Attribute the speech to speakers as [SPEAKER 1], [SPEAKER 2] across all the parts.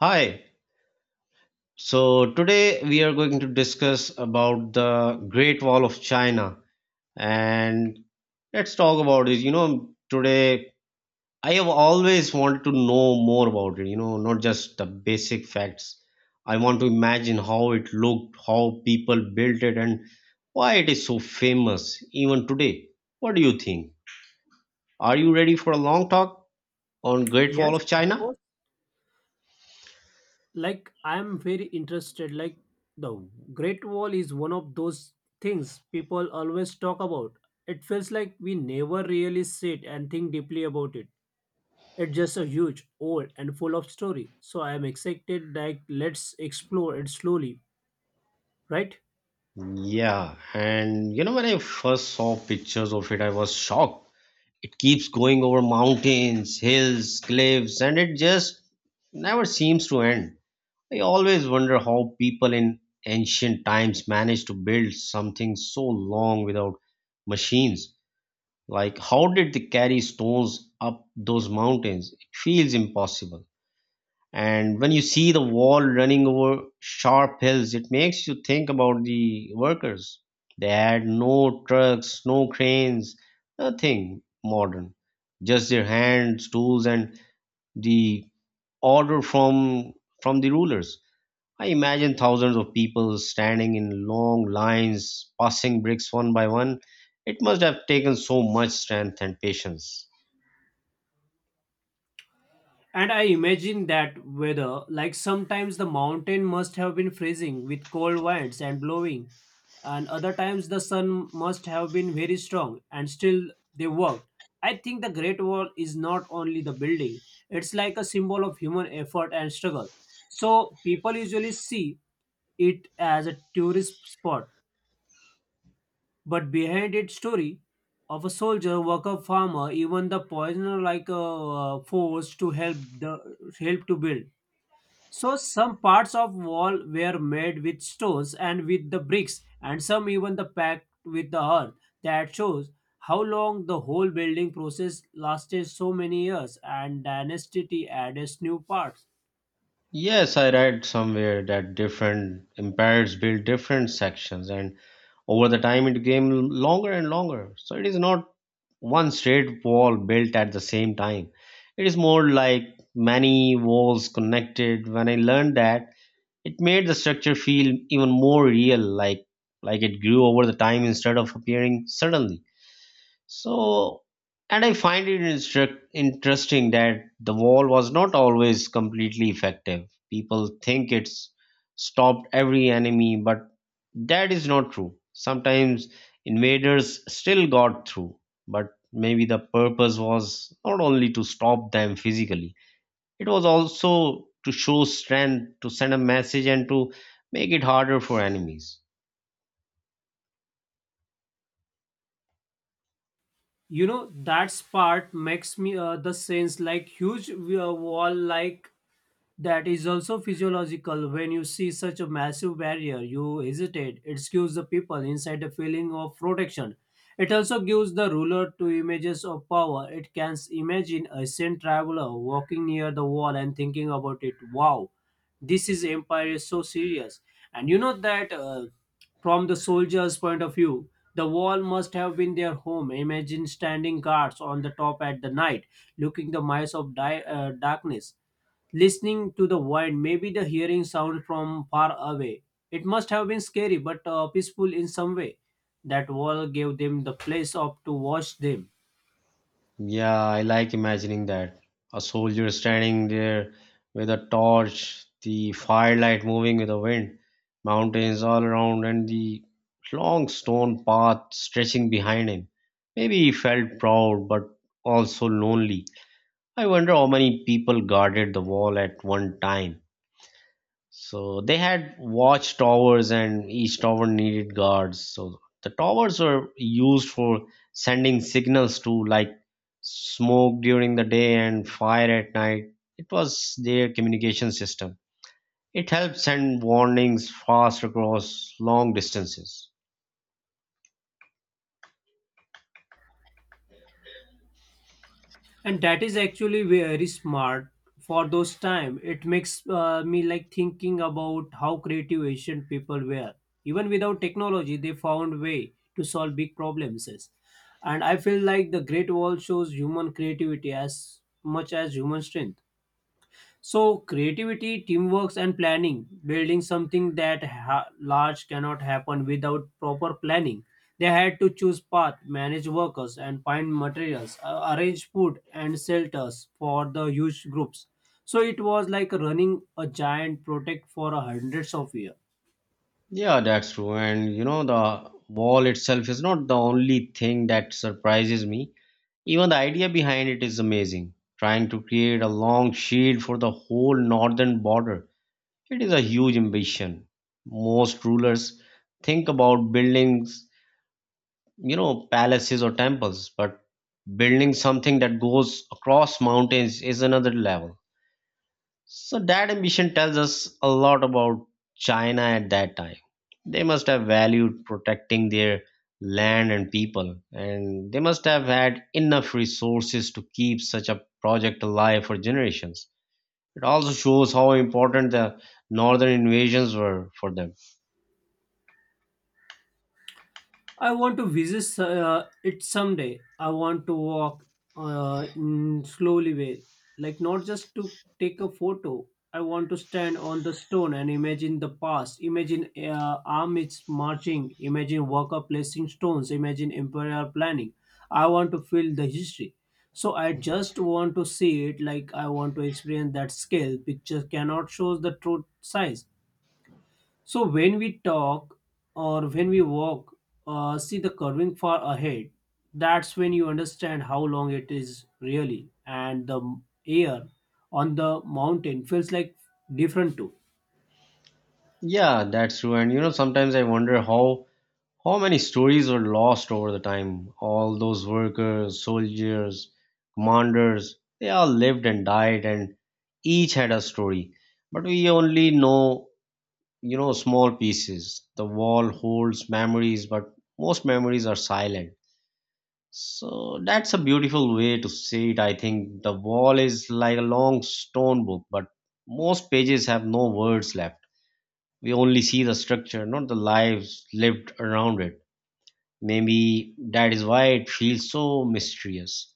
[SPEAKER 1] Hi. So today we are going to discuss about the Great Wall of China and let's talk about it. You know, today I have always wanted to know more about it, not just the basic facts. I want to imagine how it looked, how people built it and why it is so famous even today. What do you think? Are you ready for a long talk on Great Wall
[SPEAKER 2] Yes,
[SPEAKER 1] of
[SPEAKER 2] of
[SPEAKER 1] China?
[SPEAKER 2] course. I'm very interested. The Great Wall is one of those things people always talk about. It feels like we never really sit and think deeply about it. It's just a huge, old, and full of story. So I am excited. Like let's explore it slowly, right?
[SPEAKER 1] Yeah, and you know, when I first saw pictures of it, I was shocked. It keeps going over mountains, hills, cliffs, and it just never seems to end. I always wonder how people in ancient times managed to build something so long without machines. Like, how did they carry stones up those mountains? It feels impossible. And when you see the wall running over sharp hills, it makes you think about the workers. They had no trucks, no cranes, nothing modern. Just their hands, tools, and the order from the rulers. I imagine thousands of people standing in long lines, passing bricks one by one. It must have taken so much strength and patience.
[SPEAKER 2] And I imagine that weather, like sometimes the mountain must have been freezing with cold winds and blowing, and other times the sun must have been very strong, and still they worked. I think the Great Wall is not only the building, it's like a symbol of human effort and struggle. So people usually see it as a tourist spot, but behind its story of a soldier, worker, farmer, even the poisoner, like a force to help to build. So some parts of wall were made with stones and with the bricks, and some even the packed with the earth. That shows how long the whole building process lasted so many years, and dynasty added new parts.
[SPEAKER 1] Yes, I read somewhere that different empires built different sections, and over the time it became longer and longer. So it is not one straight wall built at the same time. It is more like many walls connected. When I learned that, it made the structure feel even more real, like it grew over the time instead of appearing suddenly. So, and I find it interesting that the wall was not always completely effective. People think it's stopped every enemy, but that is not true. Sometimes invaders still got through, but maybe the purpose was not only to stop them physically, it was also to show strength, to send a message, and to make it harder for enemies.
[SPEAKER 2] You know that part makes me the sense like huge wall like that is also physiological. When you see such a massive barrier, you hesitate. It gives the people inside a feeling of protection. It also gives the ruler two images of power. It can imagine a sent traveler walking near the wall and thinking about it. Wow, this is empire is so serious. And you know that from the soldier's point of view, the wall must have been their home. Imagine standing guards on the top at the night, looking the mice of darkness, listening to the wind, maybe the hearing sound from far away. It must have been scary, but peaceful in some way. That wall gave them the place of to watch them,
[SPEAKER 1] Yeah, I like imagining that. A soldier standing there with a torch, the firelight moving with the wind, mountains all around, and the long stone path stretching behind him. Maybe he felt proud but also lonely. I wonder how many people guarded the wall at one time. So they had watch towers, and each tower needed guards. So the towers were used for sending signals to like smoke during the day and fire at night. It was their communication system. It helped send warnings fast across long distances.
[SPEAKER 2] and that is actually very smart for those time. It makes me like thinking about how creative Asian people were. Even without technology, they found way to solve big problems. And I feel like the Great Wall shows human creativity as much as human strength. So creativity, teamwork, and planning, building something that large cannot happen without proper planning. They had to choose path, manage workers, and find materials, arrange food and shelters for the huge groups. So it was like running a giant project for a hundreds of years.
[SPEAKER 1] Yeah, that's true. And you know, the wall itself is not the only thing that surprises me. Even the idea behind it is amazing. Trying to create a long shield for the whole northern border, it is a huge ambition. Most rulers think about buildings, you know, palaces or temples, but building something that goes across mountains is another level. So that ambition tells us a lot about China at that time. They must have valued protecting their land and people, and they must have had enough resources to keep such a project alive for generations. It also shows how important the northern invasions were for them.
[SPEAKER 2] I want to visit it someday. I want to walk in slowly way, like not just to take a photo. I want to stand on the stone and imagine the past. Imagine armies marching. Imagine worker placing stones. Imagine imperial planning. I want to feel the history. So I just want to see it like I want to experience that scale. Picture cannot show the true size. So when we talk or when we walk, see the curving far ahead, that's when you understand how long it is really. And the air on the mountain feels like different too.
[SPEAKER 1] Yeah, that's true. And you know, sometimes I wonder how many stories were lost over the time? All those workers, soldiers, commanders, they all lived and died and each had a story. But we only know, you know, small pieces. The wall holds memories, but most memories are silent. So that's a beautiful way to say it. I think the wall is like a long stone book, but most pages have no words left. We only see the structure, not the lives lived around it. Maybe that is why it feels so mysterious.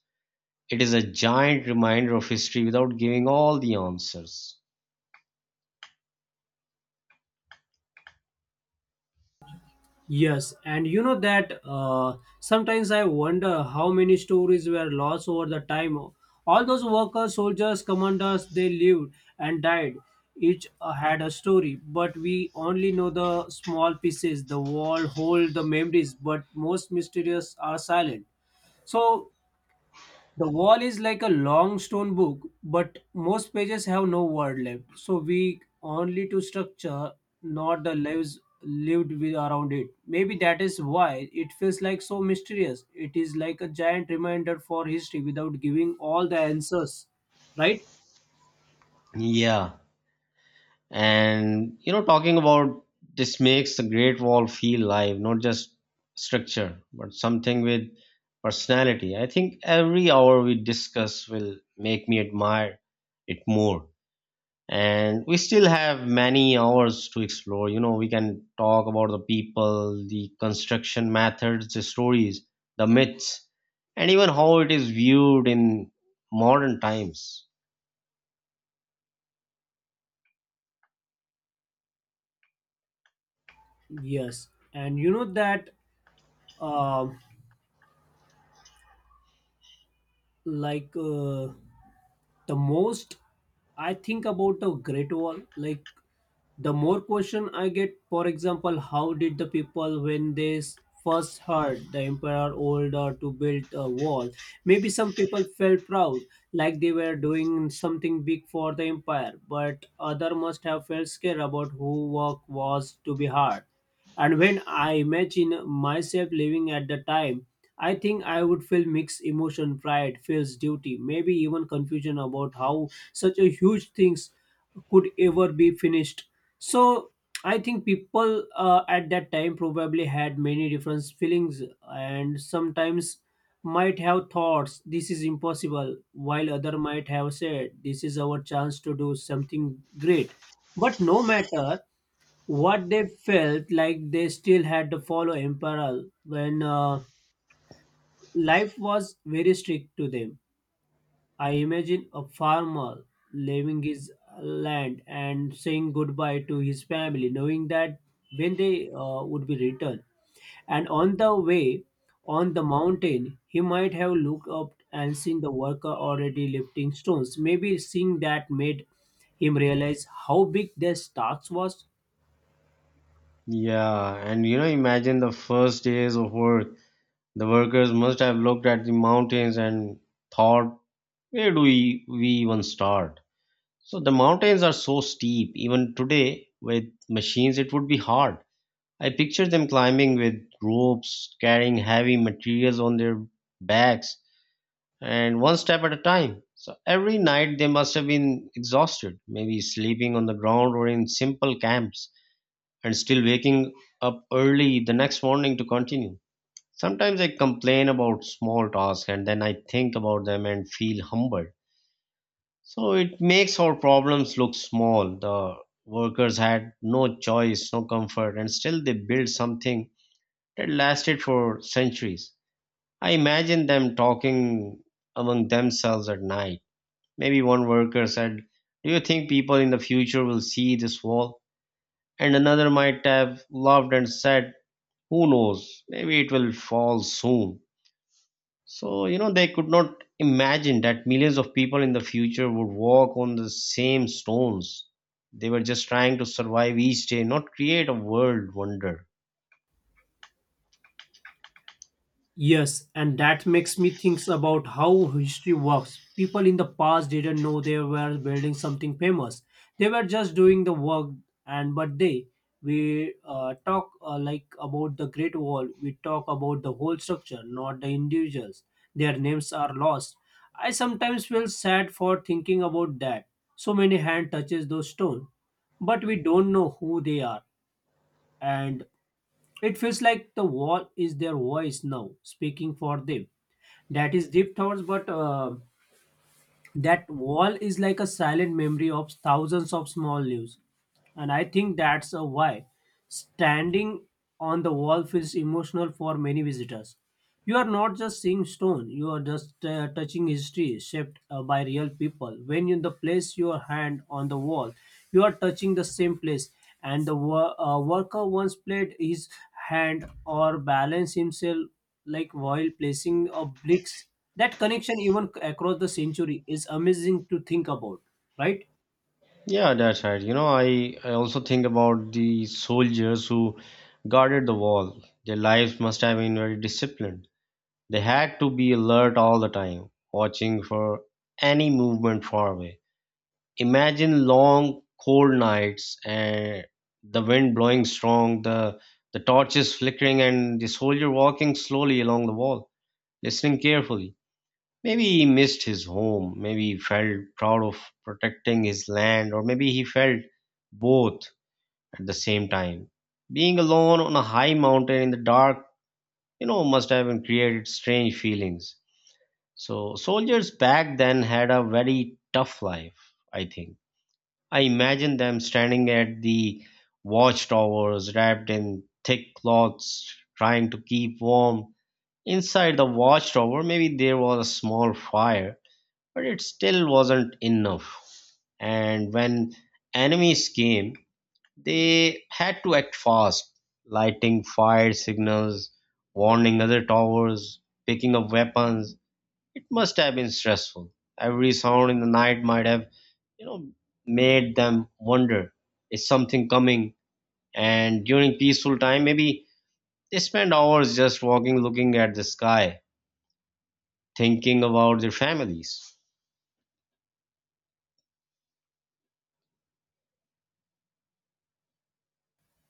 [SPEAKER 1] It is a giant reminder of history without giving all the answers.
[SPEAKER 2] Yes, and you know that sometimes I wonder how many stories were lost over the time. All those workers, soldiers, commanders, they lived and died. Each had a story, but we only know the small pieces. The wall hold the memories, but most mysterious are silent. So the wall is like a long stone book, but most pages have no word left. So we only to structure, not the lives lived with around it. Maybe that is why it feels like so mysterious. It is like a giant reminder for history without giving all the answers, right?
[SPEAKER 1] Yeah, and you know, talking about this makes the Great Wall feel live, not just structure, but something with personality. I think every hour we discuss will make me admire it more. And we still have many hours to explore. You know, we can talk about the people, the construction methods, the stories, the myths, and even how it is viewed in modern times.
[SPEAKER 2] Yes, and you know that, uh, like. Uh, the most I think about the Great Wall, like the more question I get. For example, how did the people when they first heard the emperor order to build a wall? Maybe some people felt proud, like they were doing something big for the empire, but other must have felt scared about who work was to be hard. And when I imagine myself living at the time, I think I would feel mixed emotion, pride, feels duty, maybe even confusion about how such a huge things could ever be finished. So I think people at that time probably had many different feelings, and sometimes might have thoughts this is impossible, while other might have said this is our chance to do something great. But no matter what they felt like, they still had to follow emperor when life was very strict to them. I imagine a farmer leaving his land and saying goodbye to his family, knowing that when they would be returned. And on the way on the mountain he might have looked up and seen the worker already lifting stones. Maybe seeing that made him realize how big their task was.
[SPEAKER 1] Yeah, and you know, imagine the first days of work. The workers must have looked at the mountains and thought, where do we even start? So the mountains are so steep. Even today with machines it would be hard. I picture them climbing with ropes, carrying heavy materials on their backs, and one step at a time. So every night they must have been exhausted, maybe sleeping on the ground or in simple camps, and still waking up early the next morning to continue. Sometimes I complain about small tasks and then I think about them and feel humbled. So it makes our problems look small. The workers had no choice, no comfort, and still they build something that lasted for centuries. I imagine them talking among themselves at night. Maybe one worker said, do you think people in the future will see this wall? And another might have laughed and said, who knows? Maybe it will fall soon. So, you know, they could not imagine that millions of people in the future would walk on the same stones. They were just trying to survive each day, not create a world wonder.
[SPEAKER 2] Yes, and that makes me think about how history works. People in the past didn't know they were building something famous. They were just doing the work. And but they we uh, talk uh, like about the Great Wall, we talk about the whole structure, not the individuals. Their names are lost. I sometimes feel sad for thinking about that. So many hand touches those stone, but we don't know who they are, and it feels like the wall is their voice now speaking for them. That is deep thoughts, but that wall is like a silent memory of thousands of small lives. And I think that's a why standing on the wall feels emotional for many visitors. You are not just seeing stone, you are just touching history shaped by real people. When you the place your hand on the wall, you are touching the same place. And the worker once played his hand or balanced himself like while placing a bricks. That connection, even across the century, is amazing to think about, right?
[SPEAKER 1] Yeah, that's right. You know, I also think about the soldiers who guarded the wall. Their lives must have been very disciplined. They had to be alert all the time, watching for any movement far away. Imagine long, cold nights and the wind blowing strong, the torches flickering, and the soldier walking slowly along the wall, listening carefully. Maybe he missed his home, maybe he felt proud of protecting his land, or maybe he felt both at the same time. Being alone on a high mountain in the dark, must have been created strange feelings. So, soldiers back then had a very tough life, I think. I imagine them standing at the watchtowers wrapped in thick cloths, trying to keep warm. Inside the watchtower, maybe there was a small fire but it still wasn't enough. And when enemies came, they had to act fast, lighting fire signals, warning other towers, picking up weapons. It must have been stressful. Every sound in the night might have, you know, made them wonder, is something coming? And during peaceful time, maybe they spend hours just walking, looking at the sky, thinking about their families.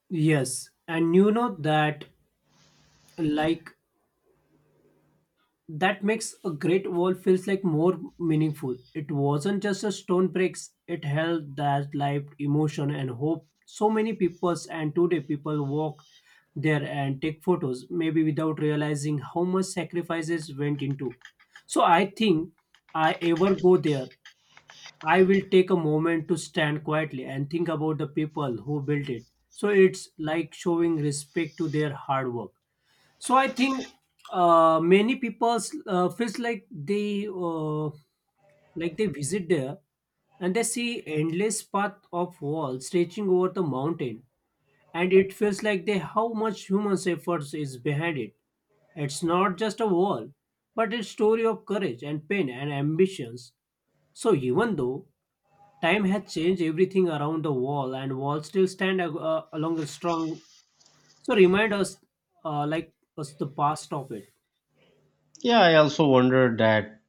[SPEAKER 2] Yes, and you know that like that makes a great wall feels like more meaningful. It wasn't just a stone bricks, it held that life, emotion and hope. So many peoples, and today people walk there and take photos, maybe without realizing how much sacrifices went into. So I think I ever go there, I will take a moment to stand quietly and think about the people who built it. So it's like showing respect to their hard work. So I think many people feels like they visit there and they see endless path of wall stretching over the mountain, and it feels like they how much human efforts is behind it. It's not just a wall, but a story of courage and pain and ambitions. So even though time has changed everything around the wall, and walls still stand along a strong, so remind us like us the past of it.
[SPEAKER 1] Yeah, I also wondered that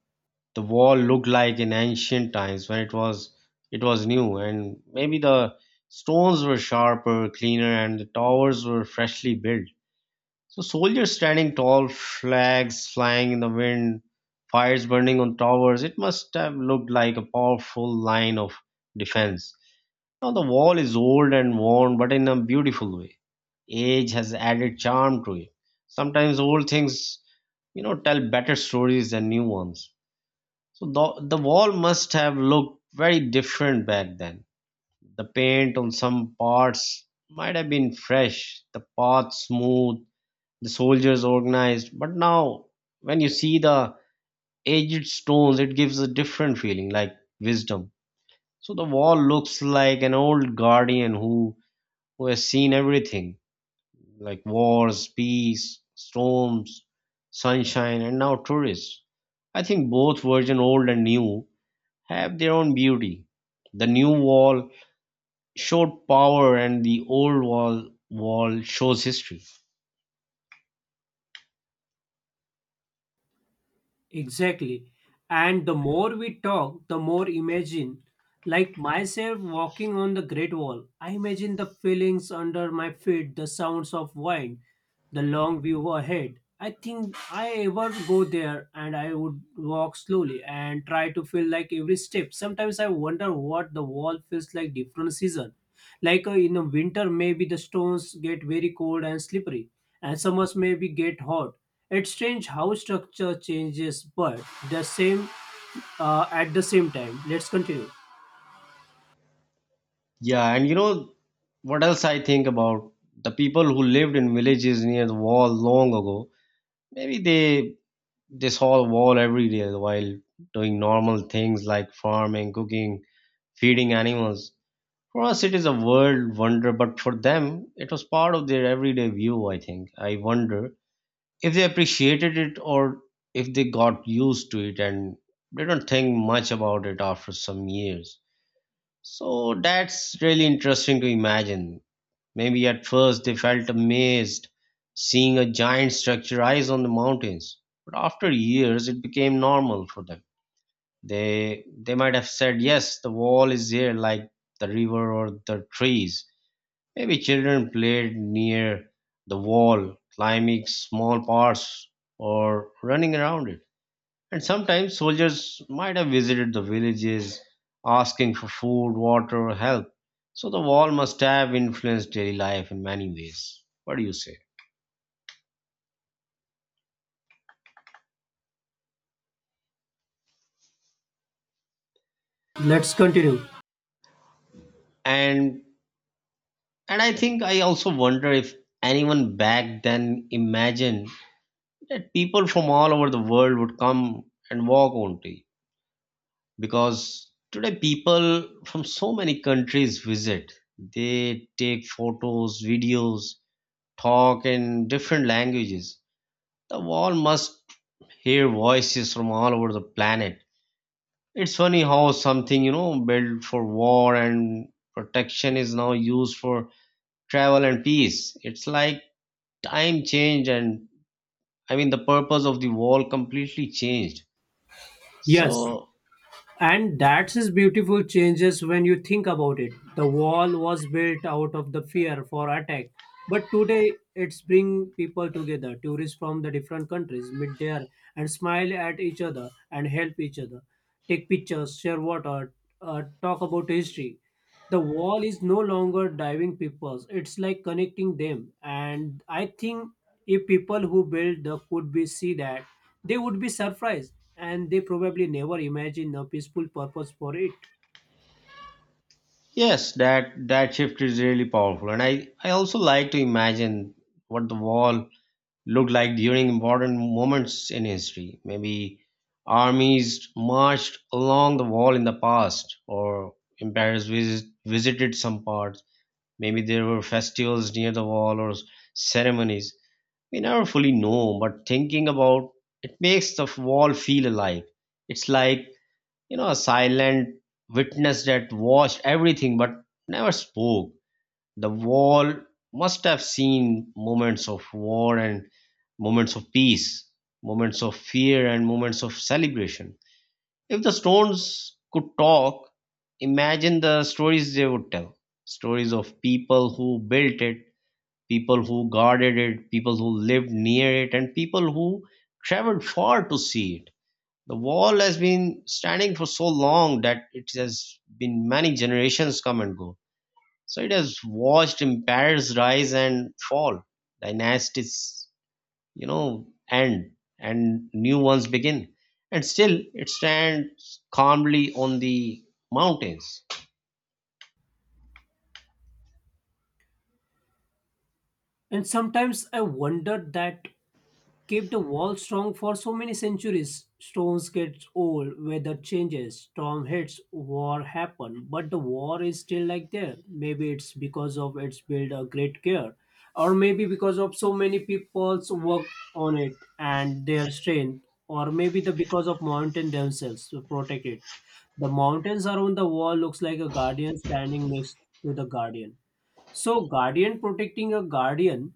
[SPEAKER 1] the wall looked like in ancient times when it was new, and maybe the stones were sharper, cleaner, and the towers were freshly built. So soldiers standing tall, flags flying in the wind, fires burning on towers, it must have looked like a powerful line of defense. Now the wall is old and worn, but in a beautiful way. Age has added charm to it. Sometimes old things, you know, tell better stories than new ones. So the wall must have looked very different back then. The paint on some parts might have been fresh, the path smooth, the soldiers organized. But now, when you see the aged stones, it gives a different feeling, like wisdom. So the wall looks like an old guardian who has seen everything, like wars, peace, storms, sunshine, and now tourists. I think both version old and new have their own beauty. The new wall showed power, and the old wall shows history.
[SPEAKER 2] Exactly. And the more we talk, the more imagine. Like myself walking on the Great Wall, I imagine the feelings under my feet, the sounds of wind, the long view ahead. I think I ever go there and I would walk slowly and try to feel like every step. Sometimes I wonder what the wall feels like different season, like in the winter maybe the stones get very cold and slippery, and summers maybe get hot. It's strange how structure changes but the same at the same time. Let's continue.
[SPEAKER 1] Yeah, and you know what else I think about, the people who lived in villages near the wall long ago. Maybe they saw the wall every day while doing normal things like farming, cooking, feeding animals. For us, it is a world wonder, but for them, it was part of their everyday view, I think. I wonder if they appreciated it or if they got used to it and they don't think much about it after some years. So that's really interesting to imagine. Maybe at first they felt amazed seeing a giant structure rise on the mountains, but after years it became normal for them. They might have said, yes, the wall is here like the river or the trees. Maybe children played near the wall, climbing small parts or running around it. And sometimes soldiers might have visited the villages asking for food, water, or help. So the wall must have influenced daily life in many ways. What do you say?
[SPEAKER 2] Let's continue.
[SPEAKER 1] And and I think I also wonder if anyone back then imagined that people from all over the world would come and walk on tea, because today people from so many countries visit, they take photos, videos, talk in different languages. The world must hear voices from all over the planet. It's funny how something built for war and protection is now used for travel and peace. It's like time changed and the purpose of the wall completely changed.
[SPEAKER 2] Yes.
[SPEAKER 1] So
[SPEAKER 2] And that's is beautiful changes when you think about it. The wall was built out of the fear for attack. But today it's bring people together, tourists from the different countries meet there and smile at each other and help each other, take pictures, share water, talk about history. The wall is no longer diving people, it's like connecting them. And I think if people who build the could be see that, they would be surprised, and they probably never imagine a peaceful purpose for it.
[SPEAKER 1] yes, that shift is really powerful, and I also like to imagine what the wall looked like during important moments in history. Maybe armies marched along the wall in the past, or emperors visited some parts. Maybe there were festivals near the wall, or ceremonies. We never fully know, but thinking about it makes the wall feel alive. It's like, a silent witness that watched everything but never spoke. The wall must have seen moments of war and moments of peace, moments of fear and moments of celebration. If the stones could talk, imagine the stories they would tell. Stories of people who built it, people who guarded it, people who lived near it, and people who traveled far to see it. The wall has been standing for so long that it has been many generations come and go. So it has watched empires rise and fall, dynasties, end and new ones begin. And still it stands calmly on the mountains.
[SPEAKER 2] And sometimes I wonder that keep the wall strong for so many centuries. Stones get old, weather changes, storm hits, war happen, but the wall is still like there. Maybe it's because of its build a great care, or maybe because of so many people's work on it and their strength, or maybe the because of mountain themselves to protect it. The mountains around the wall looks like a guardian standing next to the guardian. So guardian protecting a guardian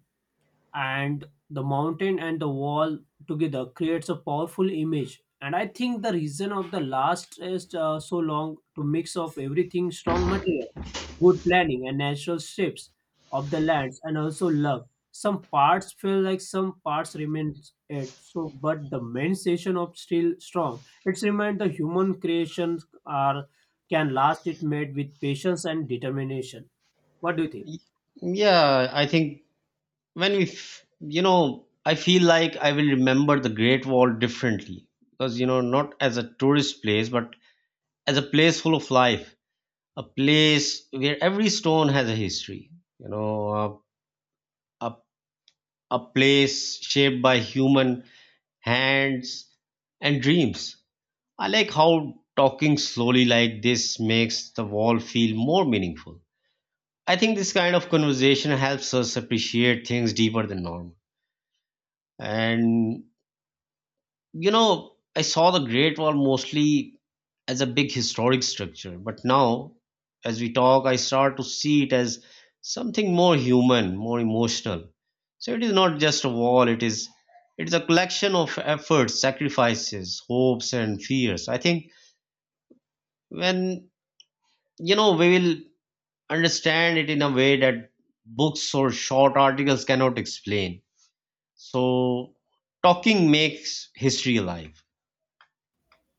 [SPEAKER 2] and the mountain and the wall together creates a powerful image. And I think the reason of the last is so long to mix of everything strong material, good planning and natural shapes of the lands. And also love some parts feel like some parts remain it so, but the main session of still strong it's remind the human creations are can last it made with patience and determination. What do you think?
[SPEAKER 1] Y- Yeah, I think when we I feel like I will remember the Great Wall differently because, you know, not as a tourist place, but as a place full of life, a place where every stone has a history you know a, a, a place shaped by human hands and dreams. I like how talking slowly like this makes the wall feel more meaningful. I think this kind of conversation helps us appreciate things deeper than normal. And you know, I saw the Great Wall mostly as a big historic structure, but now, as we talk, I start to see it as something more human, more emotional. So it is not just a wall, it is a collection of efforts, sacrifices, hopes and fears. I think when, we will understand it in a way that books or short articles cannot explain. So talking makes history alive.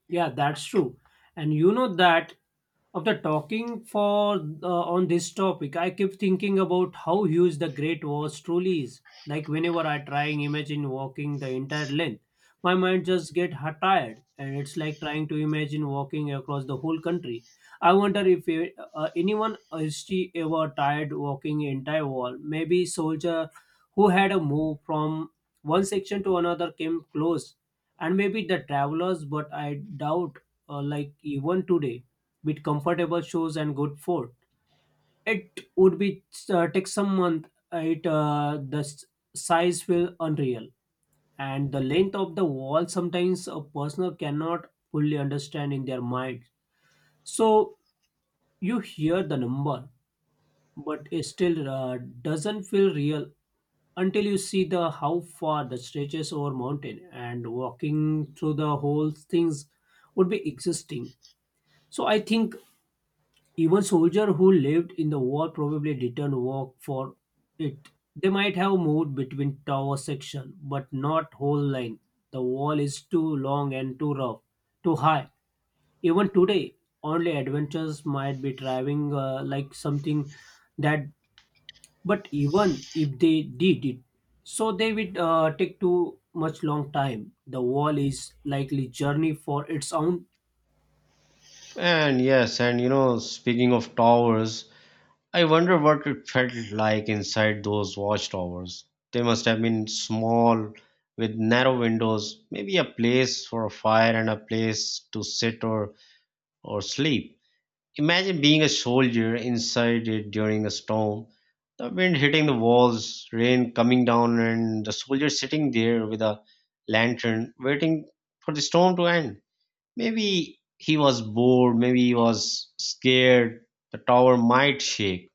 [SPEAKER 2] Yeah, that's true. And you know that after talking for on this topic, I keep thinking about how huge the Great Walls truly is. Like whenever I try and imagine walking the entire length, my mind just get tired, and it's like trying to imagine walking across the whole country. I wonder if anyone is she ever tired walking the entire wall. Maybe soldier who had a move from one section to another came close, and maybe the travelers. But I doubt, like even today with comfortable shoes and good food. It would be take some month. It the s- size will unreal, and the length of the wall sometimes a person cannot fully understand in their mind. So you hear the number, but it still doesn't feel real until you see the how far the stretches over mountain, and walking through the whole things would be existing. So I think even soldiers who lived in the war probably didn't work for it. They might have moved between tower section, but not whole line. The wall is too long and too rough, too high. Even today, only adventurers might be driving like something that. But even if they did it, so they would take too much long time. The wall is likely journey for its own.
[SPEAKER 1] And yes, and you know, speaking of towers, I wonder what it felt like inside those watchtowers. They must have been small, with narrow windows, maybe a place for a fire and a place to sit or sleep. Imagine being a soldier inside it during a storm, the wind hitting the walls, rain coming down, and the soldier sitting there with a lantern waiting for the storm to end. Maybe he was bored, maybe he was scared the tower might shake.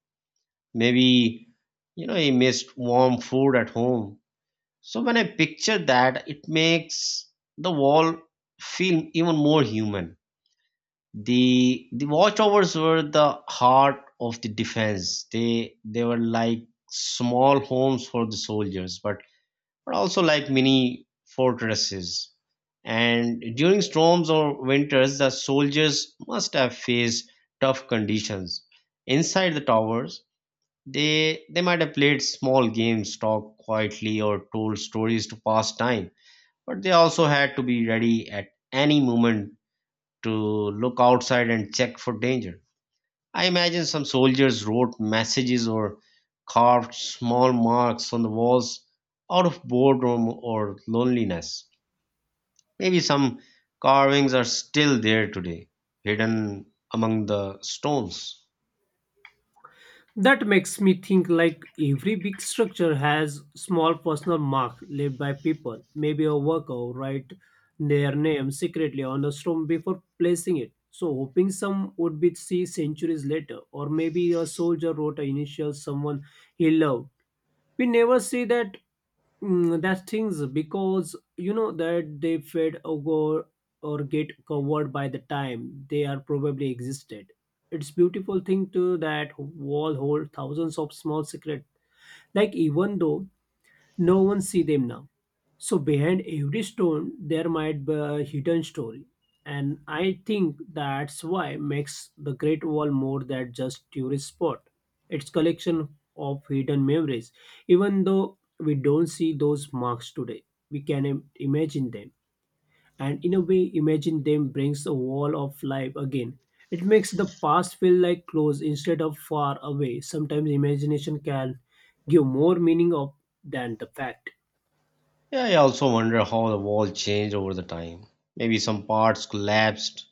[SPEAKER 1] Maybe, he missed warm food at home. So when I picture that, it makes the wall feel even more human. The watchtowers were the heart of the defense. They were like small homes for the soldiers, but also like mini fortresses. And during storms or winters, the soldiers must have faced tough conditions. Inside the towers, they might have played small games, talked quietly, or told stories to pass time, but they also had to be ready at any moment to look outside and check for danger. I imagine some soldiers wrote messages or carved small marks on the walls out of boredom or loneliness. Maybe some carvings are still there today, hidden among the stones.
[SPEAKER 2] That makes me think like every big structure has small personal mark left by people. Maybe a worker will write their name secretly on a stone before placing it, so hoping some would be see centuries later. Or maybe a soldier wrote an initial someone he loved. We never see that that things because you know that they fade or go or get covered by the time they are probably existed. It's beautiful thing to that wall hold thousands of small secret, like even though no one see them now. So behind every stone there might be a hidden story. And I think that's why makes the Great Wall more than just tourist spot. It's collection of hidden memories. Even though we don't see those marks today, we can imagine them. And in a way, imagine them brings a wall of life again. It makes the past feel like close instead of far away. Sometimes imagination can give more meaning of than the fact.
[SPEAKER 1] Yeah, I also wonder how the wall changed over the time. Maybe some parts collapsed,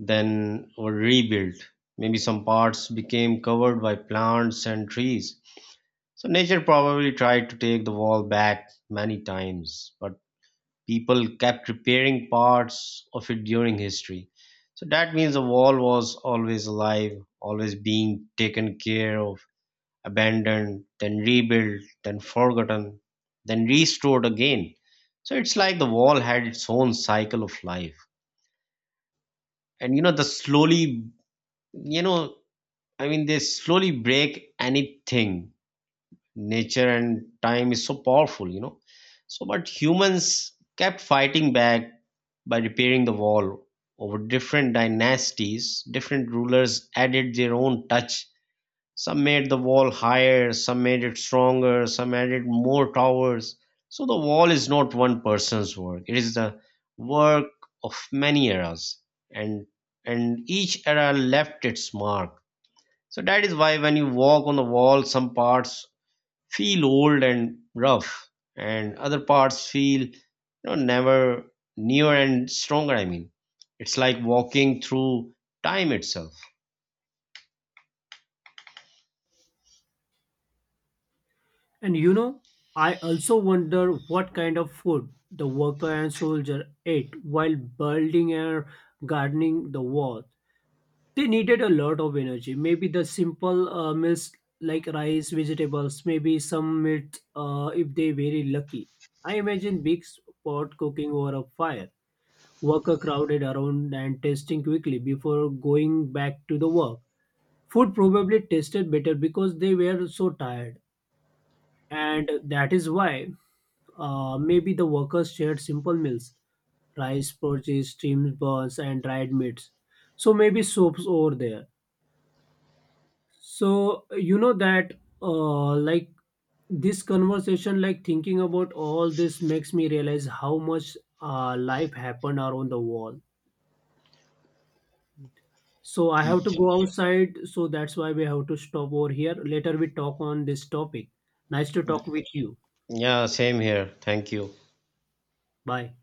[SPEAKER 1] then were rebuilt. Maybe some parts became covered by plants and trees. So nature probably tried to take the wall back many times, but people kept repairing parts of it during history. So that means the wall was always alive, always being taken care of, abandoned, then rebuilt, then forgotten, then restored again. So it's like the wall had its own cycle of life. And you know the slowly you know I mean they slowly break anything. Nature and time is so powerful, so but humans kept fighting back by repairing the wall. Over different dynasties, different rulers added their own touch. Some made the wall higher, some made it stronger, some added more towers. So the wall is not one person's work, it is the work of many eras. And and each era left its mark. So that is why when you walk on the wall, some parts feel old and rough, and other parts feel you know never newer and stronger. I mean, it's like walking through time itself.
[SPEAKER 2] And you know, I also wonder what kind of food the worker and soldier ate while building and gardening the wall. They needed a lot of energy. Maybe the simple meals like rice, vegetables, maybe some meat if they very lucky. I imagine big pot cooking over a fire. Worker crowded around and tasting quickly before going back to the work. Food probably tasted better because they were so tired. And that is why maybe the workers shared simple meals: rice, porridge, steamed buns, and dried meats. So maybe soaps over there. So you know that like this conversation, like thinking about all this makes me realize how much life happened around the wall. So I have to go outside, so that's why we have to stop over here. Later we talk on this topic. Nice to talk with you.
[SPEAKER 1] Yeah, same here, thank you.
[SPEAKER 2] Bye.